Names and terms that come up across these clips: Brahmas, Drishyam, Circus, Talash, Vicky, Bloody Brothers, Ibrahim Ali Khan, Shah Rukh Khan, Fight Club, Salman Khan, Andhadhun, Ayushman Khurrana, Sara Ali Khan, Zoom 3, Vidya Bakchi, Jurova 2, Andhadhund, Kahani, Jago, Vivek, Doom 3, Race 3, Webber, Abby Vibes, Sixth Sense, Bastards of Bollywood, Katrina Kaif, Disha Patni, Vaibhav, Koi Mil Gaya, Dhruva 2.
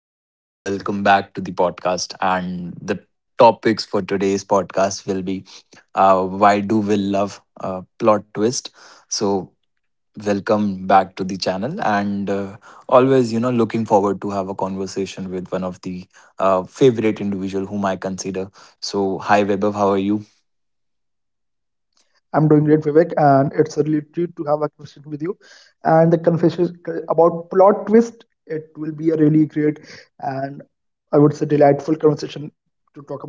right, people, welcome back to the podcast. And the topics for today's podcast will be why do we love plot twist? So, Welcome back to the channel, and always, looking forward to have a conversation with one of the favorite individual whom I consider. So, hi, Webber, how are you? I'm doing great, Vivek, and it's a real treat to have a question with you. And the confession about plot twist, it will be a really great and I would say delightful conversation to talk about.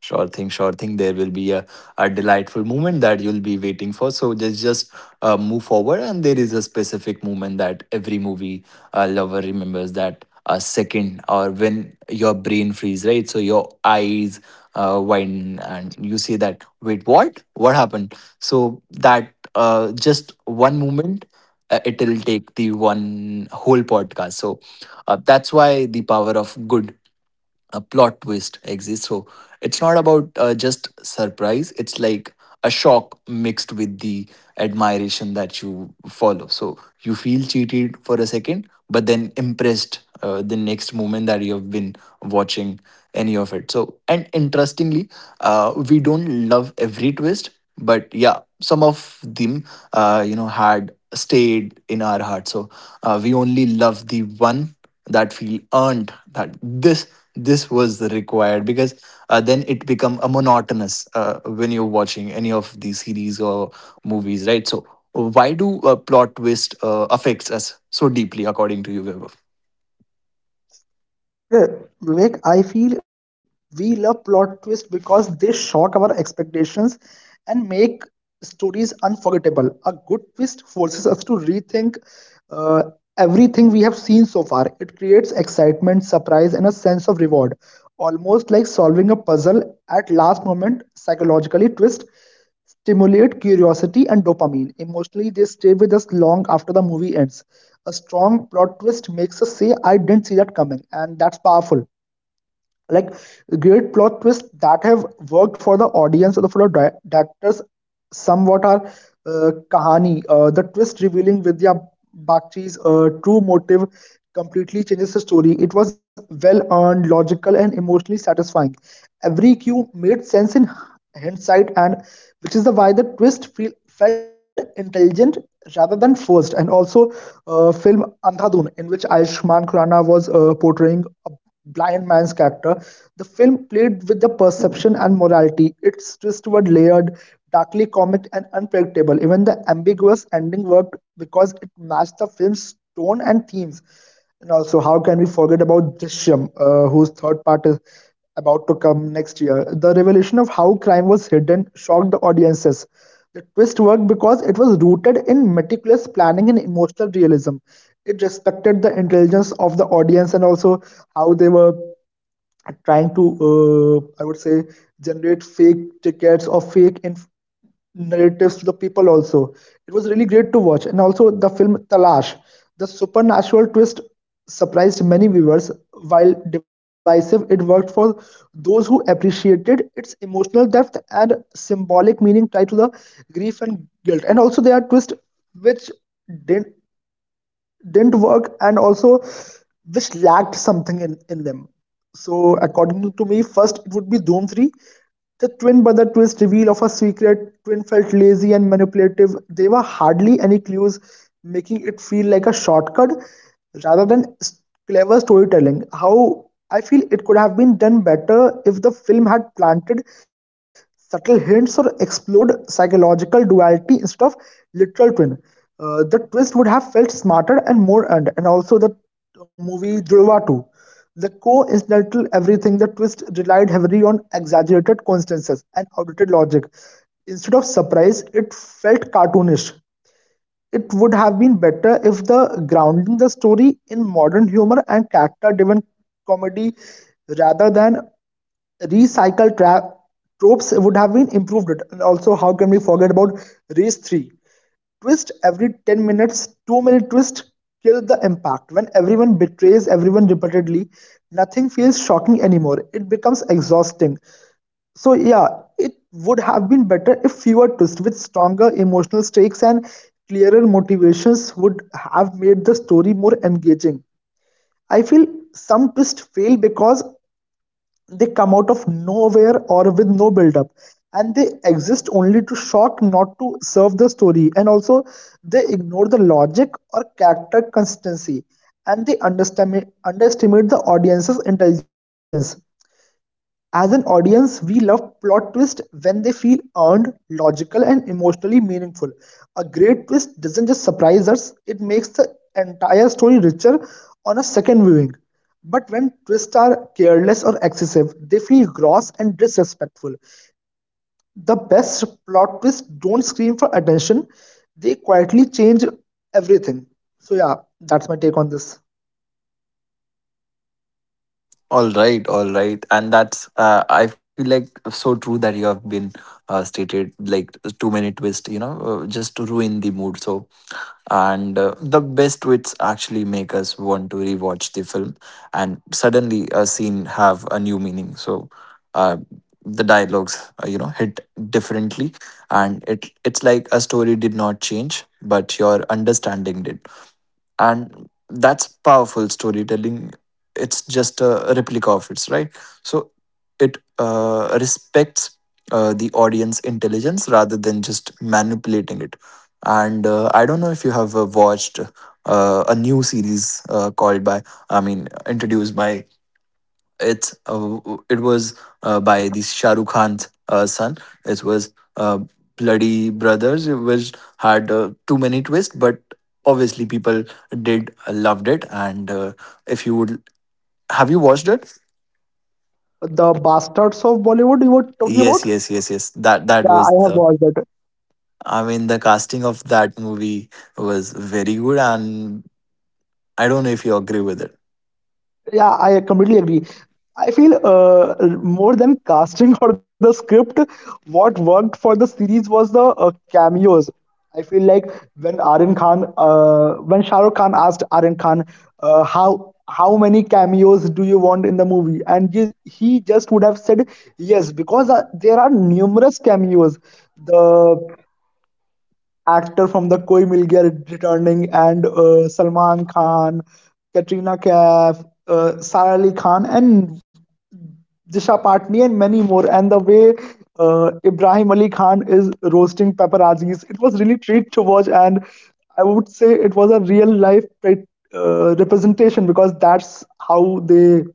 Sure thing, sure thing. There will be a delightful moment that you'll be waiting for. So just move forward, and there is a specific moment that every movie lover remembers that a second or when your brain freeze, right? So your eyes widen, and you say that. Wait, what? What happened? So that just one moment, it'll take the one whole podcast. So that's why the power of good a plot twist exists. So it's not about just surprise. It's like a shock mixed with the admiration that you follow. So you feel cheated for a second, but then impressed the next moment that you have been watching any of it. So and interestingly, we don't love every twist, but yeah, some of them, had stayed in our heart. So we only love the one that feel earned that this was required because then it become a monotonous when you're watching any of these series or movies, right? So why do plot twist affects us so deeply according to you, Vaibhav? Yeah, Vivek, I feel we love plot twists because they shock our expectations and make stories unforgettable. A good twist forces us to rethink uh, everything we have seen so far. It creates excitement, surprise, and a sense of reward, almost like solving a puzzle at last moment. Psychologically, twist stimulate curiosity and dopamine. Emotionally, they stay with us long after the movie ends. A strong plot twist makes us say, I didn't see that coming, and that's powerful, like great plot twists that have worked for the audience or the for the directors somewhat are kahani, the twist revealing Vidya Bakchi's true motive completely changes the story. It was well earned, logical, and emotionally satisfying. Every cue made sense in hindsight, and which is the why the felt intelligent rather than forced. And also, film Andhadhun, in which Ayushman Khurrana was portraying a blind man's character, the film played with the perception and morality. Its twists were layered, darkly comic, and unpredictable. Even the ambiguous ending worked because it matched the film's tone and themes. And also, how can we forget about Drishyam, whose third part is about to come next year? The revelation of how crime was hidden shocked the audiences. The twist worked because it was rooted in meticulous planning and emotional realism. It respected the intelligence of the audience, and also how they were trying to I would say generate fake tickets or narratives to the people. Also, it was really great to watch. And also the film Talash, the supernatural twist surprised many viewers. While divisive, it worked for those who appreciated its emotional depth and symbolic meaning tied to the grief and guilt. And also there are twists which didn't didn't work, and also which lacked something in them. So according to me, first it would be Doom 3. The twin brother twist reveal of a secret twin felt lazy and manipulative. There were hardly any clues, making it feel like a shortcut rather than clever storytelling. How I feel it could have been done better if the film had planted subtle hints or explored psychological duality instead of literal twin. The twist would have felt smarter and more earned. And also the movie Dhruva 2. The coincidental everything, the twist relied heavily on exaggerated coincidences and outdated logic. Instead of surprise, it felt cartoonish. It would have been better if the grounding the story in modern humor and character-driven comedy rather than recycled tropes would have been improved it. And also, how can we forget about race three? Twist every 10 minutes, too many twists kill the impact. When everyone betrays everyone repeatedly, nothing feels shocking anymore. It becomes exhausting. So, yeah, it would have been better if fewer twists with stronger emotional stakes and clearer motivations would have made the story more engaging. I feel some twists fail because they come out of nowhere or with no build-up, and they exist only to shock, not to serve the story. And also, they ignore the logic or character consistency, and they underestimate the audience's intelligence. As an audience, we love plot twists when they feel earned, logical, and emotionally meaningful. A great twist doesn't just surprise us, it makes the entire story richer on a second viewing. But when twists are careless or excessive, they feel gross and disrespectful. The best plot twists don't scream for attention, they quietly change everything. So, yeah, that's my take on this. All right, all right, and that's I feel like so true that you have been stated like too many twists, you know, just to ruin the mood. So and the best wits actually make us want to rewatch the film, and suddenly a scene have a new meaning. So uh, the dialogues hit differently, and it's like a story did not change but your understanding did, and that's powerful storytelling. It's just a replica of its, right? So it respects the audience intelligence rather than just manipulating it. And I don't know if you have watched a new series called by I mean introduced by it's uh, it was by this Shah Rukh Khan's son. It was Bloody Brothers, which had too many twists, but obviously people did loved it. And if you would, have you watched it? The Bastards of Bollywood, you were talking Yes, about? yes, yes, yes. That Yeah, I was have the. watched it. I mean, the casting of that movie was very good, and I don't know if you agree with it. Yeah, I completely agree. I feel more than casting or the script, what worked for the series was the cameos. I feel like when Aryan Khan, when Shah Rukh Khan asked Aryan Khan, how many cameos do you want in the movie, and he just would have said yes, because there are numerous cameos. The actor from the Koi Mil Gaya returning, and Salman Khan, Katrina Kaif, Sara Ali Khan, and Disha Patni, and many more. And the way Ibrahim Ali Khan is roasting paparazzis, it was really treat to watch. And I would say it was a real life representation, because that's how they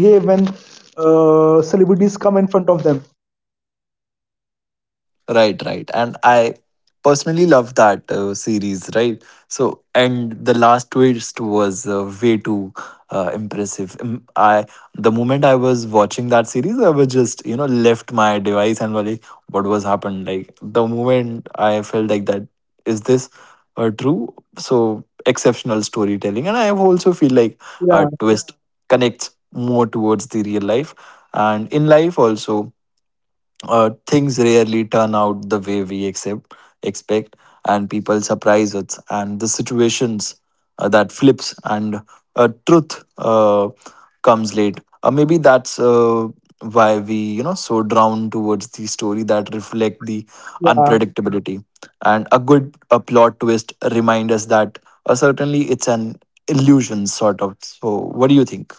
behave when celebrities come in front of them. Right, right. And I personally love that series, right? So, and the last twist was way too impressive. I the moment I was watching that series, I was just, you know, left my device and was like, what was happened? Like the moment I felt like that, is this true? So exceptional storytelling, and I also feel like a Yeah, twist connects more towards the real life, and in life also things rarely turn out the way we expect, and people surprise us. And the situations that flips and truth comes late. Maybe that's why we, you know, so drawn towards the story that reflect the yeah. unpredictability. And a good a plot twist remind us that certainly it's an illusion sort of. So, what do you think?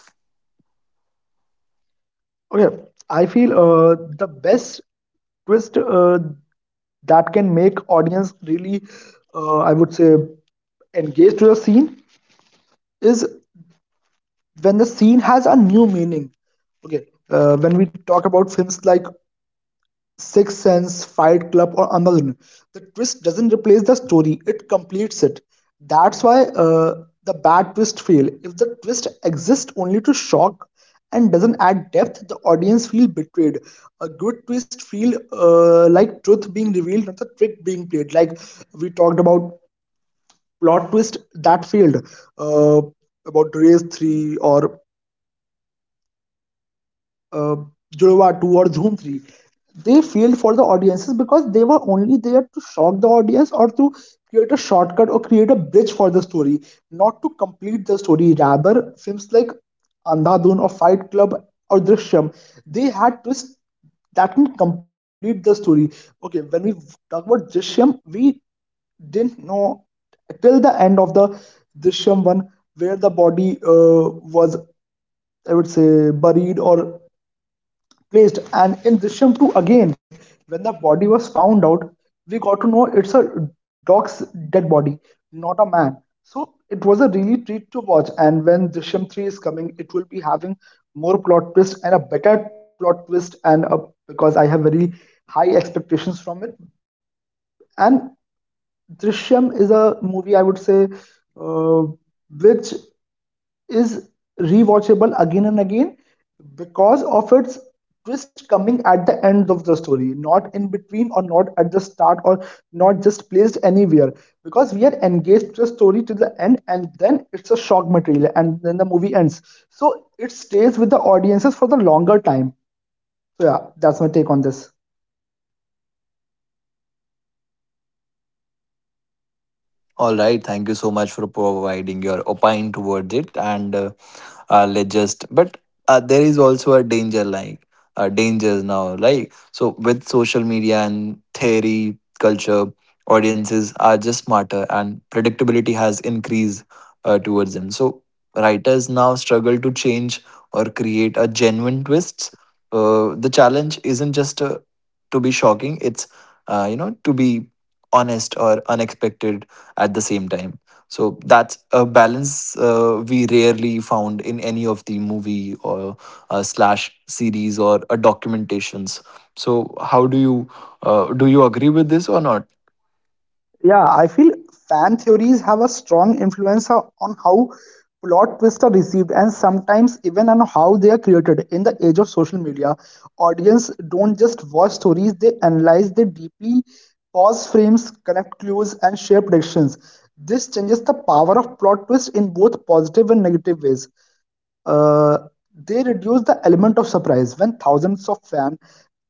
Okay, I feel the best twist that can make audience really I would say engaged to the scene is when the scene has a new meaning. Okay, when we talk about films like Sixth Sense, Fight Club, or Amazon. The twist doesn't replace the story, it completes it. That's why the bad twist fail. If the twist exists only to shock and doesn't add depth, the audience feel betrayed. A good twist feel like truth being revealed, not the trick being played. Like we talked about plot twist that failed, uh, about Race 3 or uh, Jurova 2 or Zoom 3. They failed for the audiences because they were only there to shock the audience or to create a shortcut or create a bridge for the story, not to complete the story. Rather, films like Andhadhun or Fight Club or Drishyam, they had twists that can complete the story. Okay, when we talk about Drishyam, we didn't know till the end of the Drishyam one where the body was, I would say, buried or placed. And in Drishyam 2, again, when the body was found out, we got to know it's a dog's dead body, not a man. So it was a really treat to watch. And when Drishyam 3 is coming, it will be having more plot twist and a better plot twist, and a, because I have very high expectations from it. And Drishyam is a movie, I would say, uh, which is rewatchable again and again because of its twist coming at the end of the story, not in between or not at the start or not just placed anywhere. Because we are engaged to the story to the end and then it's a shock material and then the movie ends. So it stays with the audiences for the longer time. So yeah, that's my take on this. All right, thank you so much for providing your opine towards it and. Let's just but There is also a danger like dangers now like so with social media and theory culture, audiences are just smarter and predictability has increased towards them. So writers now struggle to change or create a genuine twists. The challenge isn't just to be shocking, it's to be honest or unexpected at the same time. So that's a balance we rarely found in any of the movie or slash series or documentations. So how do you agree with this or not? Yeah, I feel fan theories have a strong influence on how plot twists are received and sometimes even on how they are created. In the age of social media, audience don't just watch stories, they analyze, they deeply pause frames, connect clues, and share predictions. This changes the power of plot twist in both positive and negative ways. Uh, they reduce the element of surprise. When thousands of fans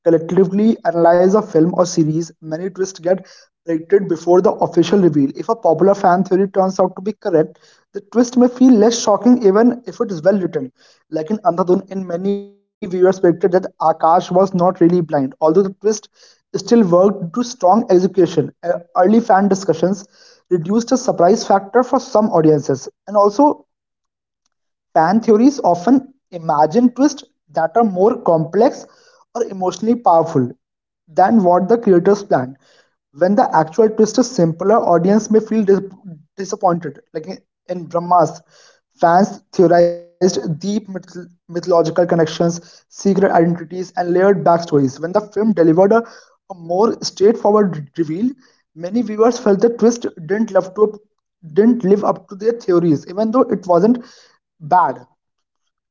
collectively analyze a film or series, many twists get predicted before the official reveal. If a popular fan theory turns out to be correct, the twist may feel less shocking even if it is well written. Like in Andhadhun, in many viewers predicted that Akash was not really blind, although the twist still worked due to strong execution. Early fan discussions reduced the surprise factor for some audiences. And also, fan theories often imagine twists that are more complex or emotionally powerful than what the creators planned. When the actual twist is simpler, audience may feel disappointed. Like in Brahmas, fans theorized deep mythological connections, secret identities, and layered backstories. When the film delivered a more straightforward reveal, many viewers felt the twist didn't live up to their theories, even though it wasn't bad.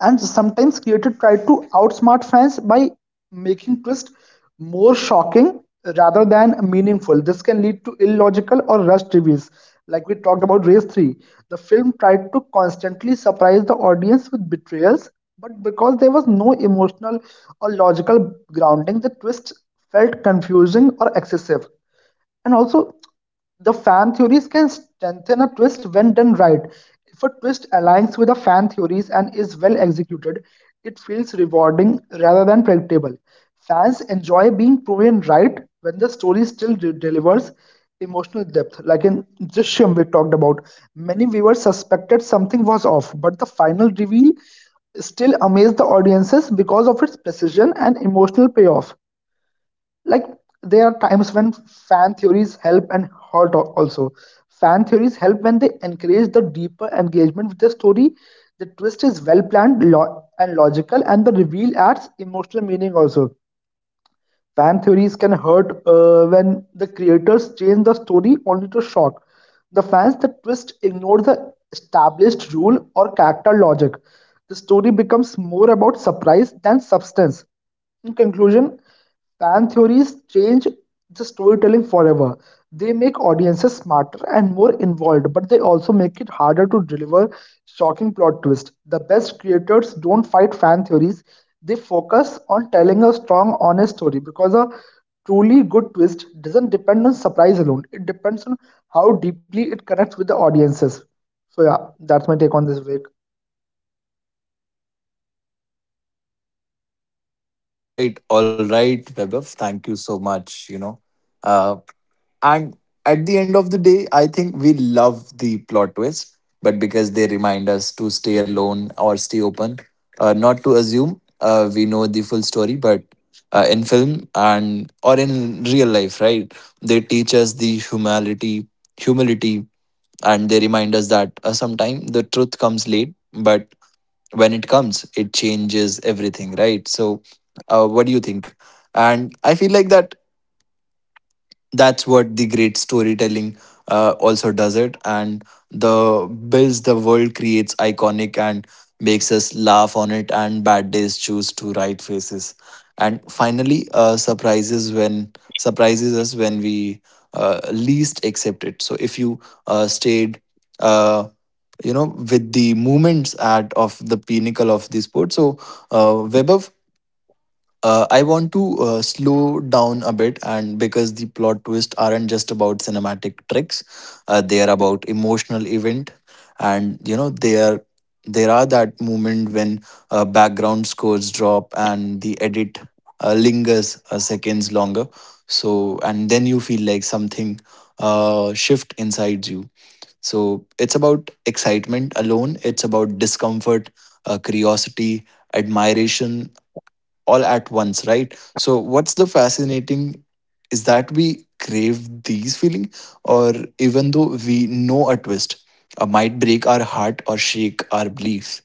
And sometimes creators tried to outsmart fans by making twists more shocking rather than meaningful. This can lead to illogical or rushed reviews. Like we talked about Race 3, the film tried to constantly surprise the audience with betrayals, but because there was no emotional or logical grounding, the twist felt confusing or excessive. And also, the fan theories can strengthen a twist when done right. If a twist aligns with the fan theories and is well executed, it feels rewarding rather than predictable. Fans enjoy being proven right when the story still delivers emotional depth. Like in Drishyam, we talked about, many viewers suspected something was off, but the final reveal still amazed the audiences because of its precision and emotional payoff. Like there are times when fan theories help and hurt, also fan theories help when they encourage the deeper engagement with the story, the twist is well planned, and logical, and the reveal adds emotional meaning. Also, fan theories can hurt when the creators change the story only to shock the fans. The twist ignore the established rule or character logic. The story becomes more about surprise than substance. In conclusion, fan theories change the storytelling forever. They make audiences smarter and more involved, but they also make it harder to deliver shocking plot twists. The best creators don't fight fan theories, they focus on telling a strong, honest story because a truly good twist doesn't depend on surprise alone, it depends on how deeply it connects with the audiences. So, yeah, that's my take on this, Vivek. All right, Vaibhav. Thank you so much. You know, uh, and at the end of the day, I think we love the plot twists, but because they remind us to stay alone or stay open, not to assume we know the full story. But in film and or in real life, right? They teach us the humanity, humility, and they remind us that sometimes the truth comes late, but when it comes it changes everything, right? So what do you think? And I feel like that's what the great storytelling also does it, and the builds the world creates iconic and makes us laugh on it and bad days choose to right faces, and finally surprises us when we least accept it. So if you stayed uh, you know with the movements at of the pinnacle of the sport. So Vaibhav, I want to slow down a bit, and because the plot twists aren't just about cinematic tricks, they are about emotional event, and you know they are there are that moment when background scores drop and the edit lingers seconds longer. So and then you feel like something shift inside you. So it's about excitement alone, it's about discomfort, curiosity, admiration, all at once, right? So, what's the fascinating is that we crave these feelings, or even though we know a twist might break our heart or shake our beliefs,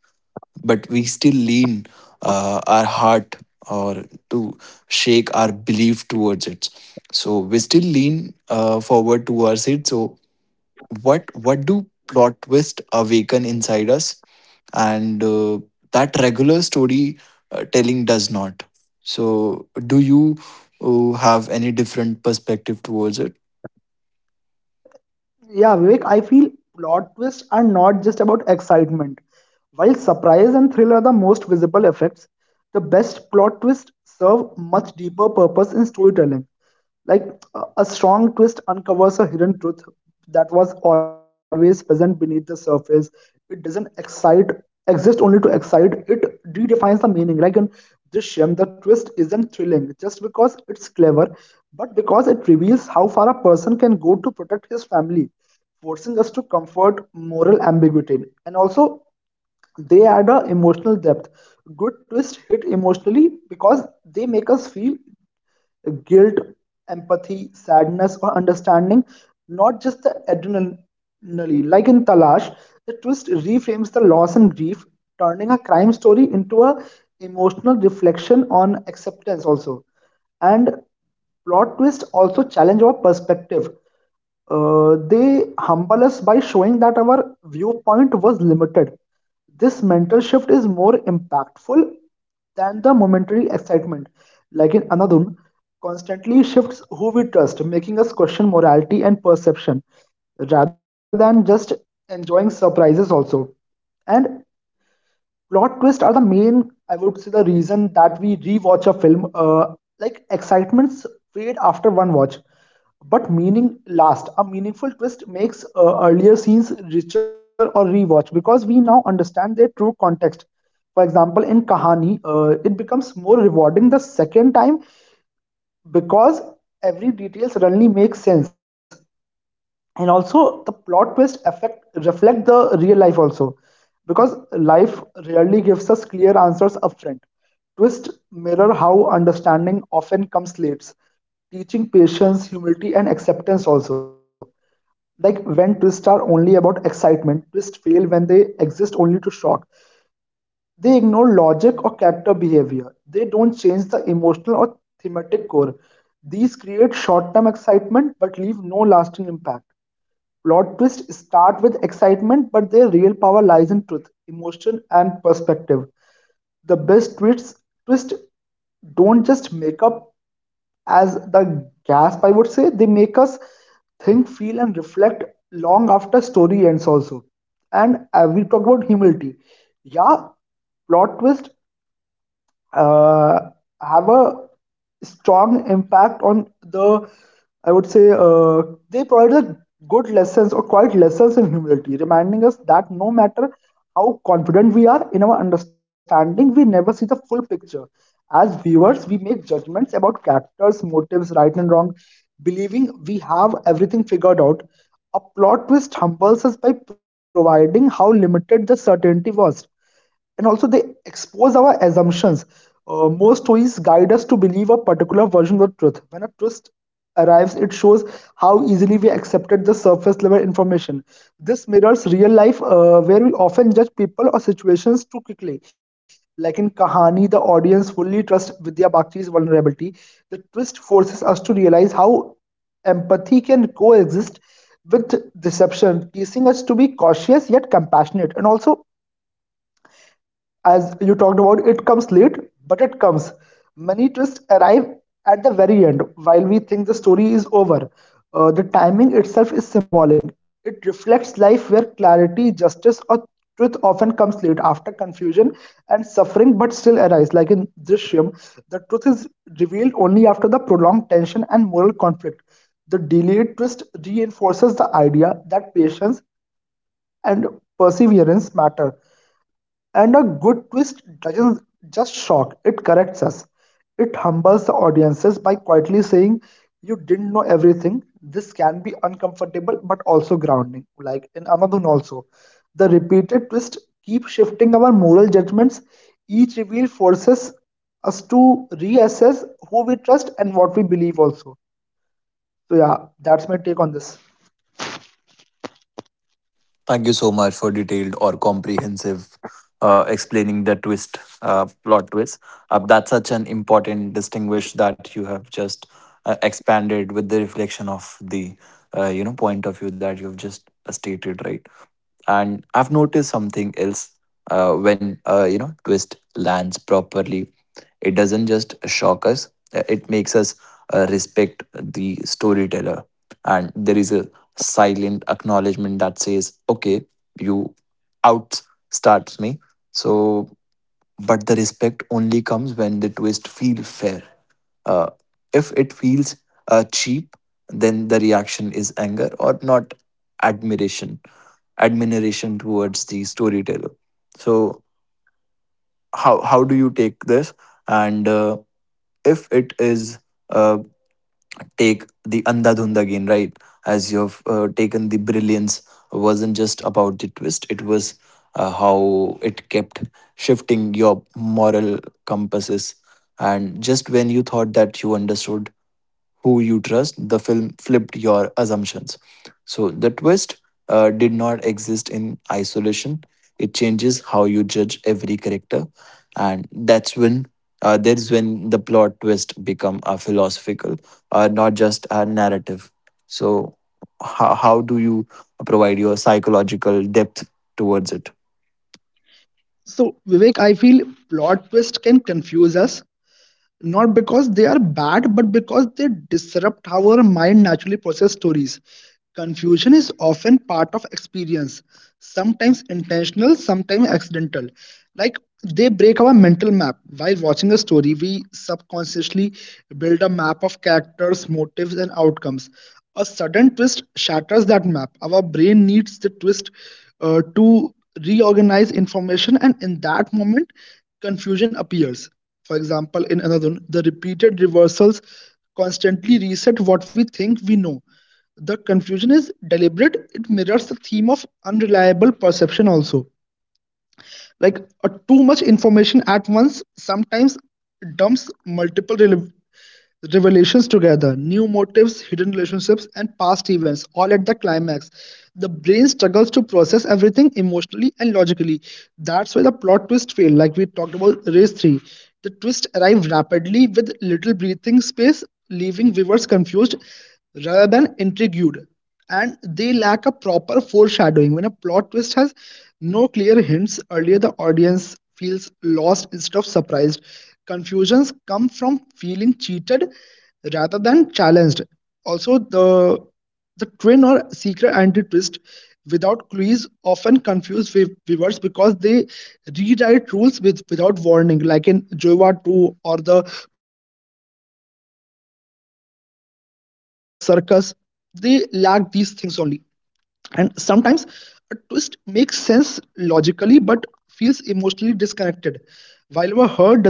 but we still lean our heart or to shake our belief towards it. So we still lean forward towards it. So what do plot twist awaken inside us and that regular story telling does not. So do you have any different perspective towards it? Yeah, Vivek, I feel plot twists are not just about excitement. While surprise and thrill are the most visible effects, the best plot twists serve much deeper purpose in storytelling. Like a strong twist uncovers a hidden truth that was always present beneath the surface. It doesn't excite, exist only to excite. It redefines the meaning. Like in Drishyam, the twist isn't thrilling just because it's clever but because it reveals how far a person can go to protect his family, forcing us to comfort moral ambiguity. And also, they add a emotional depth. Good twists hit emotionally because they make us feel guilt, empathy, sadness, or understanding, not just the adrenaline. Like in Talash, the twist reframes the loss and grief, turning a crime story into a emotional reflection on acceptance also. And plot twist also challenge our perspective. They humble us by showing that our viewpoint was limited. This mental shift is more impactful than the momentary excitement. Like in Anadun, constantly shifts who we trust, making us question morality and perception rather than just enjoying surprises also. And plot twists are the main, I would say, the reason that we rewatch a film. Like excitements fade after one watch, but meaning last. A meaningful twist makes earlier scenes richer or rewatch because we now understand their true context. For example, in Kahani, it becomes more rewarding the second time because every detail suddenly makes sense. And also, the plot twist affect reflect the real life also because life rarely gives us clear answers upfront. Twist mirror how understanding often comes late, teaching patience, humility and acceptance also. Like when twists are only about excitement, twists fail when they exist only to shock. They ignore logic or character behavior, they don't change the emotional or thematic core. These create short-term excitement but leave no lasting impact. Plot twists start with excitement, but their real power lies in truth, emotion, and perspective. The best twists twist don't just make up as the gasp, I would say, they make us think, feel, and reflect long after story ends also. And we talk about humility. Yeah, plot twist uh, have a strong impact on the, I would say they provided a good lessons or quite lessons in humility, reminding us that no matter how confident we are in our understanding, we never see the full picture. As viewers we make judgments about characters motives, right and wrong, believing we have everything figured out. A plot twist humbles us by providing how limited the certainty was. And also they expose our assumptions. Most stories guide us to believe a particular version of truth. When a twist arrives, it shows how easily we accepted the surface level information. This mirrors real life, where we often judge people or situations too quickly. Like in Kahani, the audience fully trusts Vidya Bakchi's vulnerability. The twist forces us to realize how empathy can coexist with deception, teaching us to be cautious yet compassionate. And also, as you talked about, it comes late, but it comes. Many twists arrive at the very end while we think the story is over. The timing itself is symbolic. It reflects life where clarity, justice, or truth often comes late after confusion and suffering, but still arise. Like in Drishyam, the truth is revealed only after the prolonged tension and moral conflict. The delayed twist reinforces the idea that patience and perseverance matter. And a good twist doesn't just shock, it corrects us. It humbles the audiences by quietly saying, "You didn't know everything." This can be uncomfortable but also grounding. Like in Anadun, also. The repeated twist keep shifting our moral judgments. Each reveal forces us to reassess who we trust and what we believe, also. So, yeah, that's my take on this. Thank you so much for detailed or comprehensive explaining the twist, plot twist. That's such an important distinguish that you have just expanded with the reflection of the point of view that you've just stated, right? And I've noticed something else twist lands properly, it doesn't just shock us, it makes us respect the storyteller. And there is a silent acknowledgement that says, okay, you outstarts me. So, but the respect only comes when the twist feel fair. Uh, if it feels cheap, then the reaction is anger or not admiration admiration towards the storyteller. So how do you take this? And if it is uh, take the Andhadhund again, right? As you've taken the brilliance wasn't just about the twist; it was how it kept shifting your moral compasses. And just when you thought that you understood who you trust, the film flipped your assumptions. So the twist did not exist in isolation. It changes how you judge every character, and that's when the plot twist become a philosophical, not just a narrative. So how do you provide your psychological depth towards it? So, Vivek, I feel plot twist can confuse us, not because they are bad, but because they disrupt how our mind naturally process stories. Confusion is often part of experience, sometimes intentional, sometimes accidental. Like they break our mental map. While watching a story, we subconsciously build a map of characters, motives, and outcomes. A sudden twist shatters that map. Our brain needs the twist to reorganize information, and in that moment, confusion appears. For example, in another one, the repeated reversals constantly reset what we think we know. The confusion is deliberate, it mirrors the theme of unreliable perception also. Like too much information at once sometimes dumps multiple revelations together, new motives, hidden relationships, and past events all at the climax. The brain struggles to process everything emotionally and logically. That's why the plot twist failed, like we talked about Race 3. The twist arrived rapidly with little breathing space, leaving viewers confused rather than intrigued. And they lack a proper foreshadowing. When a plot twist has no clear hints earlier, the audience feels lost instead of surprised. Confusions come from feeling cheated rather than challenged. Also, the twin or secret anti twist without clues often confuse viewers because they rewrite rules without warning, like in Jova 2 or the movie called Circus. They lack these things only. And sometimes a twist makes sense logically but feels emotionally disconnected while our heart doesn't catch up with the brain.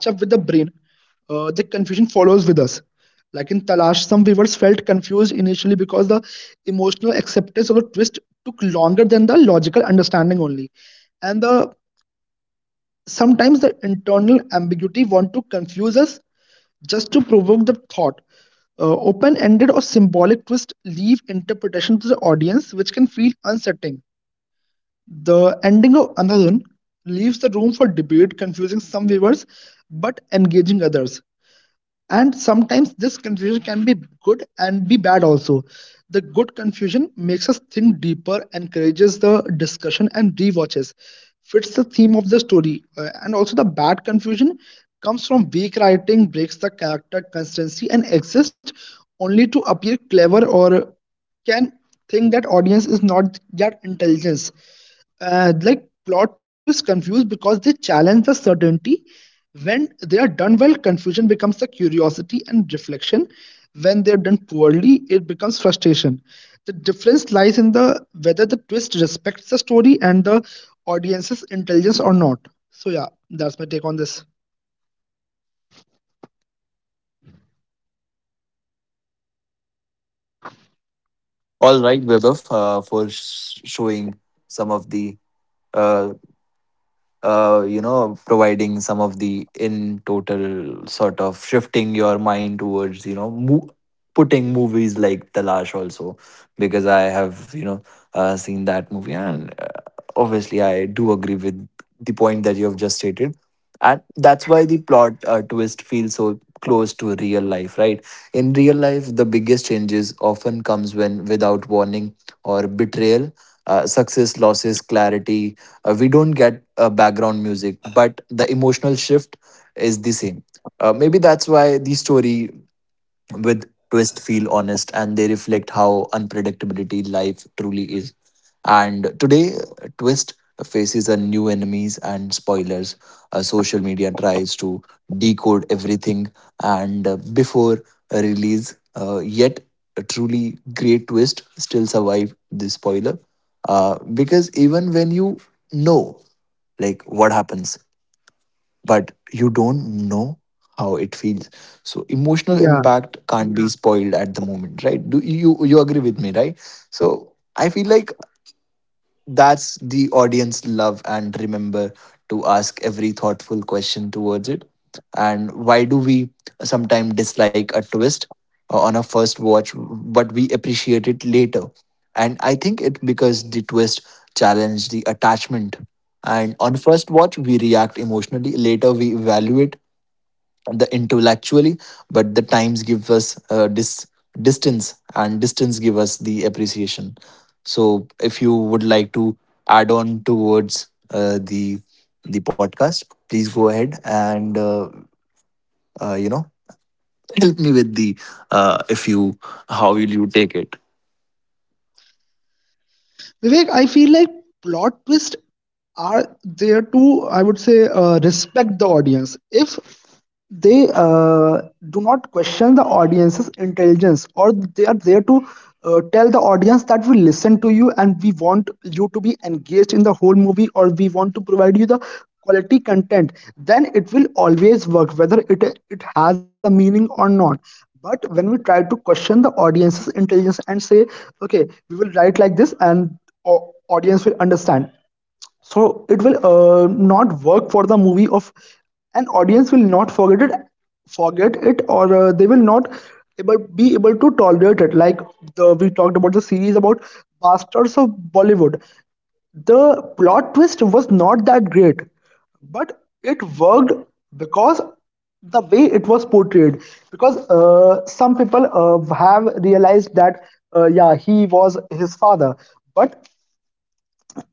The confusion follows with us, like in talash. Some viewers felt confused initially because the emotional acceptance of the twist took longer than the logical understanding only. And the sometimes the internal ambiguity want to confuse us just to provoke the thought. Open ended or symbolic twists leave interpretation to the audience, which can feel unsettling. The ending of Anadun leaves the room for debate, confusing some viewers but engaging others. And sometimes this confusion can be good and be bad also. The good confusion makes us think deeper, encourages the discussion and rewatches, fits the theme of the story. And also the bad confusion comes from weak writing, breaks the character consistency and exists only to appear clever or can think that audience is not that intelligence. Like plot twists confuse because they challenge the certainty. When they are done well, confusion becomes a curiosity and reflection. When they're done poorly, it becomes frustration. The difference lies in the whether the twist respects the story and the audience's intelligence or not. So yeah, that's my take on this. All right, Vaibhav, showing some of the uh, providing some of the in total sort of shifting your mind towards putting movies like Talash also, because I have you know seen that movie, and obviously I do agree with the point that you have just stated, and that's why the plot twist feels so close to real life, right? In real life the biggest changes often comes when without warning or betrayal, success losses clarity. We don't get background music, but the emotional shift is the same. Maybe that's why the story with twist feel honest, and they reflect how unpredictability life truly is. And today twist faces a new enemies and spoilers. Social media tries to decode everything, and before a release, yet a truly great twist still survive the spoiler because even when you know like what happens but you don't know how it feels. So emotional Yeah. impact can't be yeah spoiled at the moment, right? Do you agree with me, right? So I feel like that's the audience love and remember to ask every thoughtful question towards it. And why do we sometimes dislike a twist on a first watch, but we appreciate it later? And I think it because the twist challenged the attachment. And on first watch, we react emotionally. Later, we evaluate the intellectually, but the times give us distance, and distance give us the appreciation. So if you would like to add on towards the podcast, please go ahead and uh, you know help me with the if you how will you take it. Vivek, I feel like plot twists are there to, I would say, respect the audience. If they do not question the audience's intelligence, or they are there to tell the audience that we listen to you and we want you to be engaged in the whole movie, or we want to provide you the quality content, then it will always work, whether it has a meaning or not. But when we try to question the audience's intelligence and say okay we will write like this and audience will understand, so it will not work for the movie of an audience will not forget it, forget it or they will not be able to tolerate it. Like the we talked about the series about bastards of bollywood, the plot twist was not that great but it worked because the way it was portrayed. Because some people have realized that yeah he was his father, but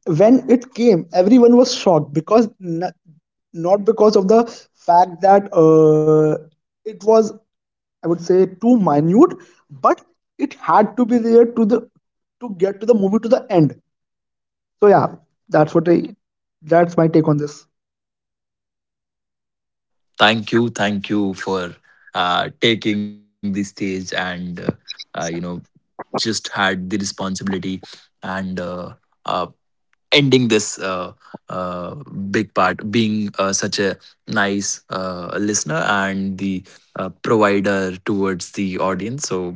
when it came, everyone was shocked because not because of the fact that it was, I would say, too minute, but it had to be there to the to get to the movie to the end. So yeah, that's what I that's my take on this. Thank you, thank you for taking the stage and uh, you know just had the responsibility and uh, ending this uh, big part, being such a nice listener and the provider towards the audience. So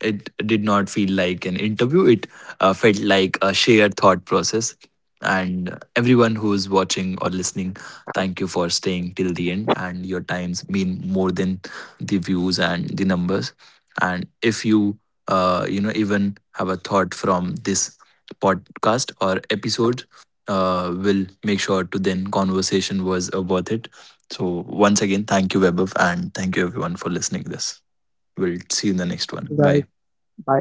it did not feel like an interview, it felt like a shared thought process. And everyone who's watching or listening, thank you for staying till the end. And your times mean more than the views and the numbers. And if you, even have a thought from this podcast or episode will make sure to then conversation was worth it. So once again thank you, Webov, and thank you everyone for listening this. We'll see you in the next one. Bye. Bye. Bye.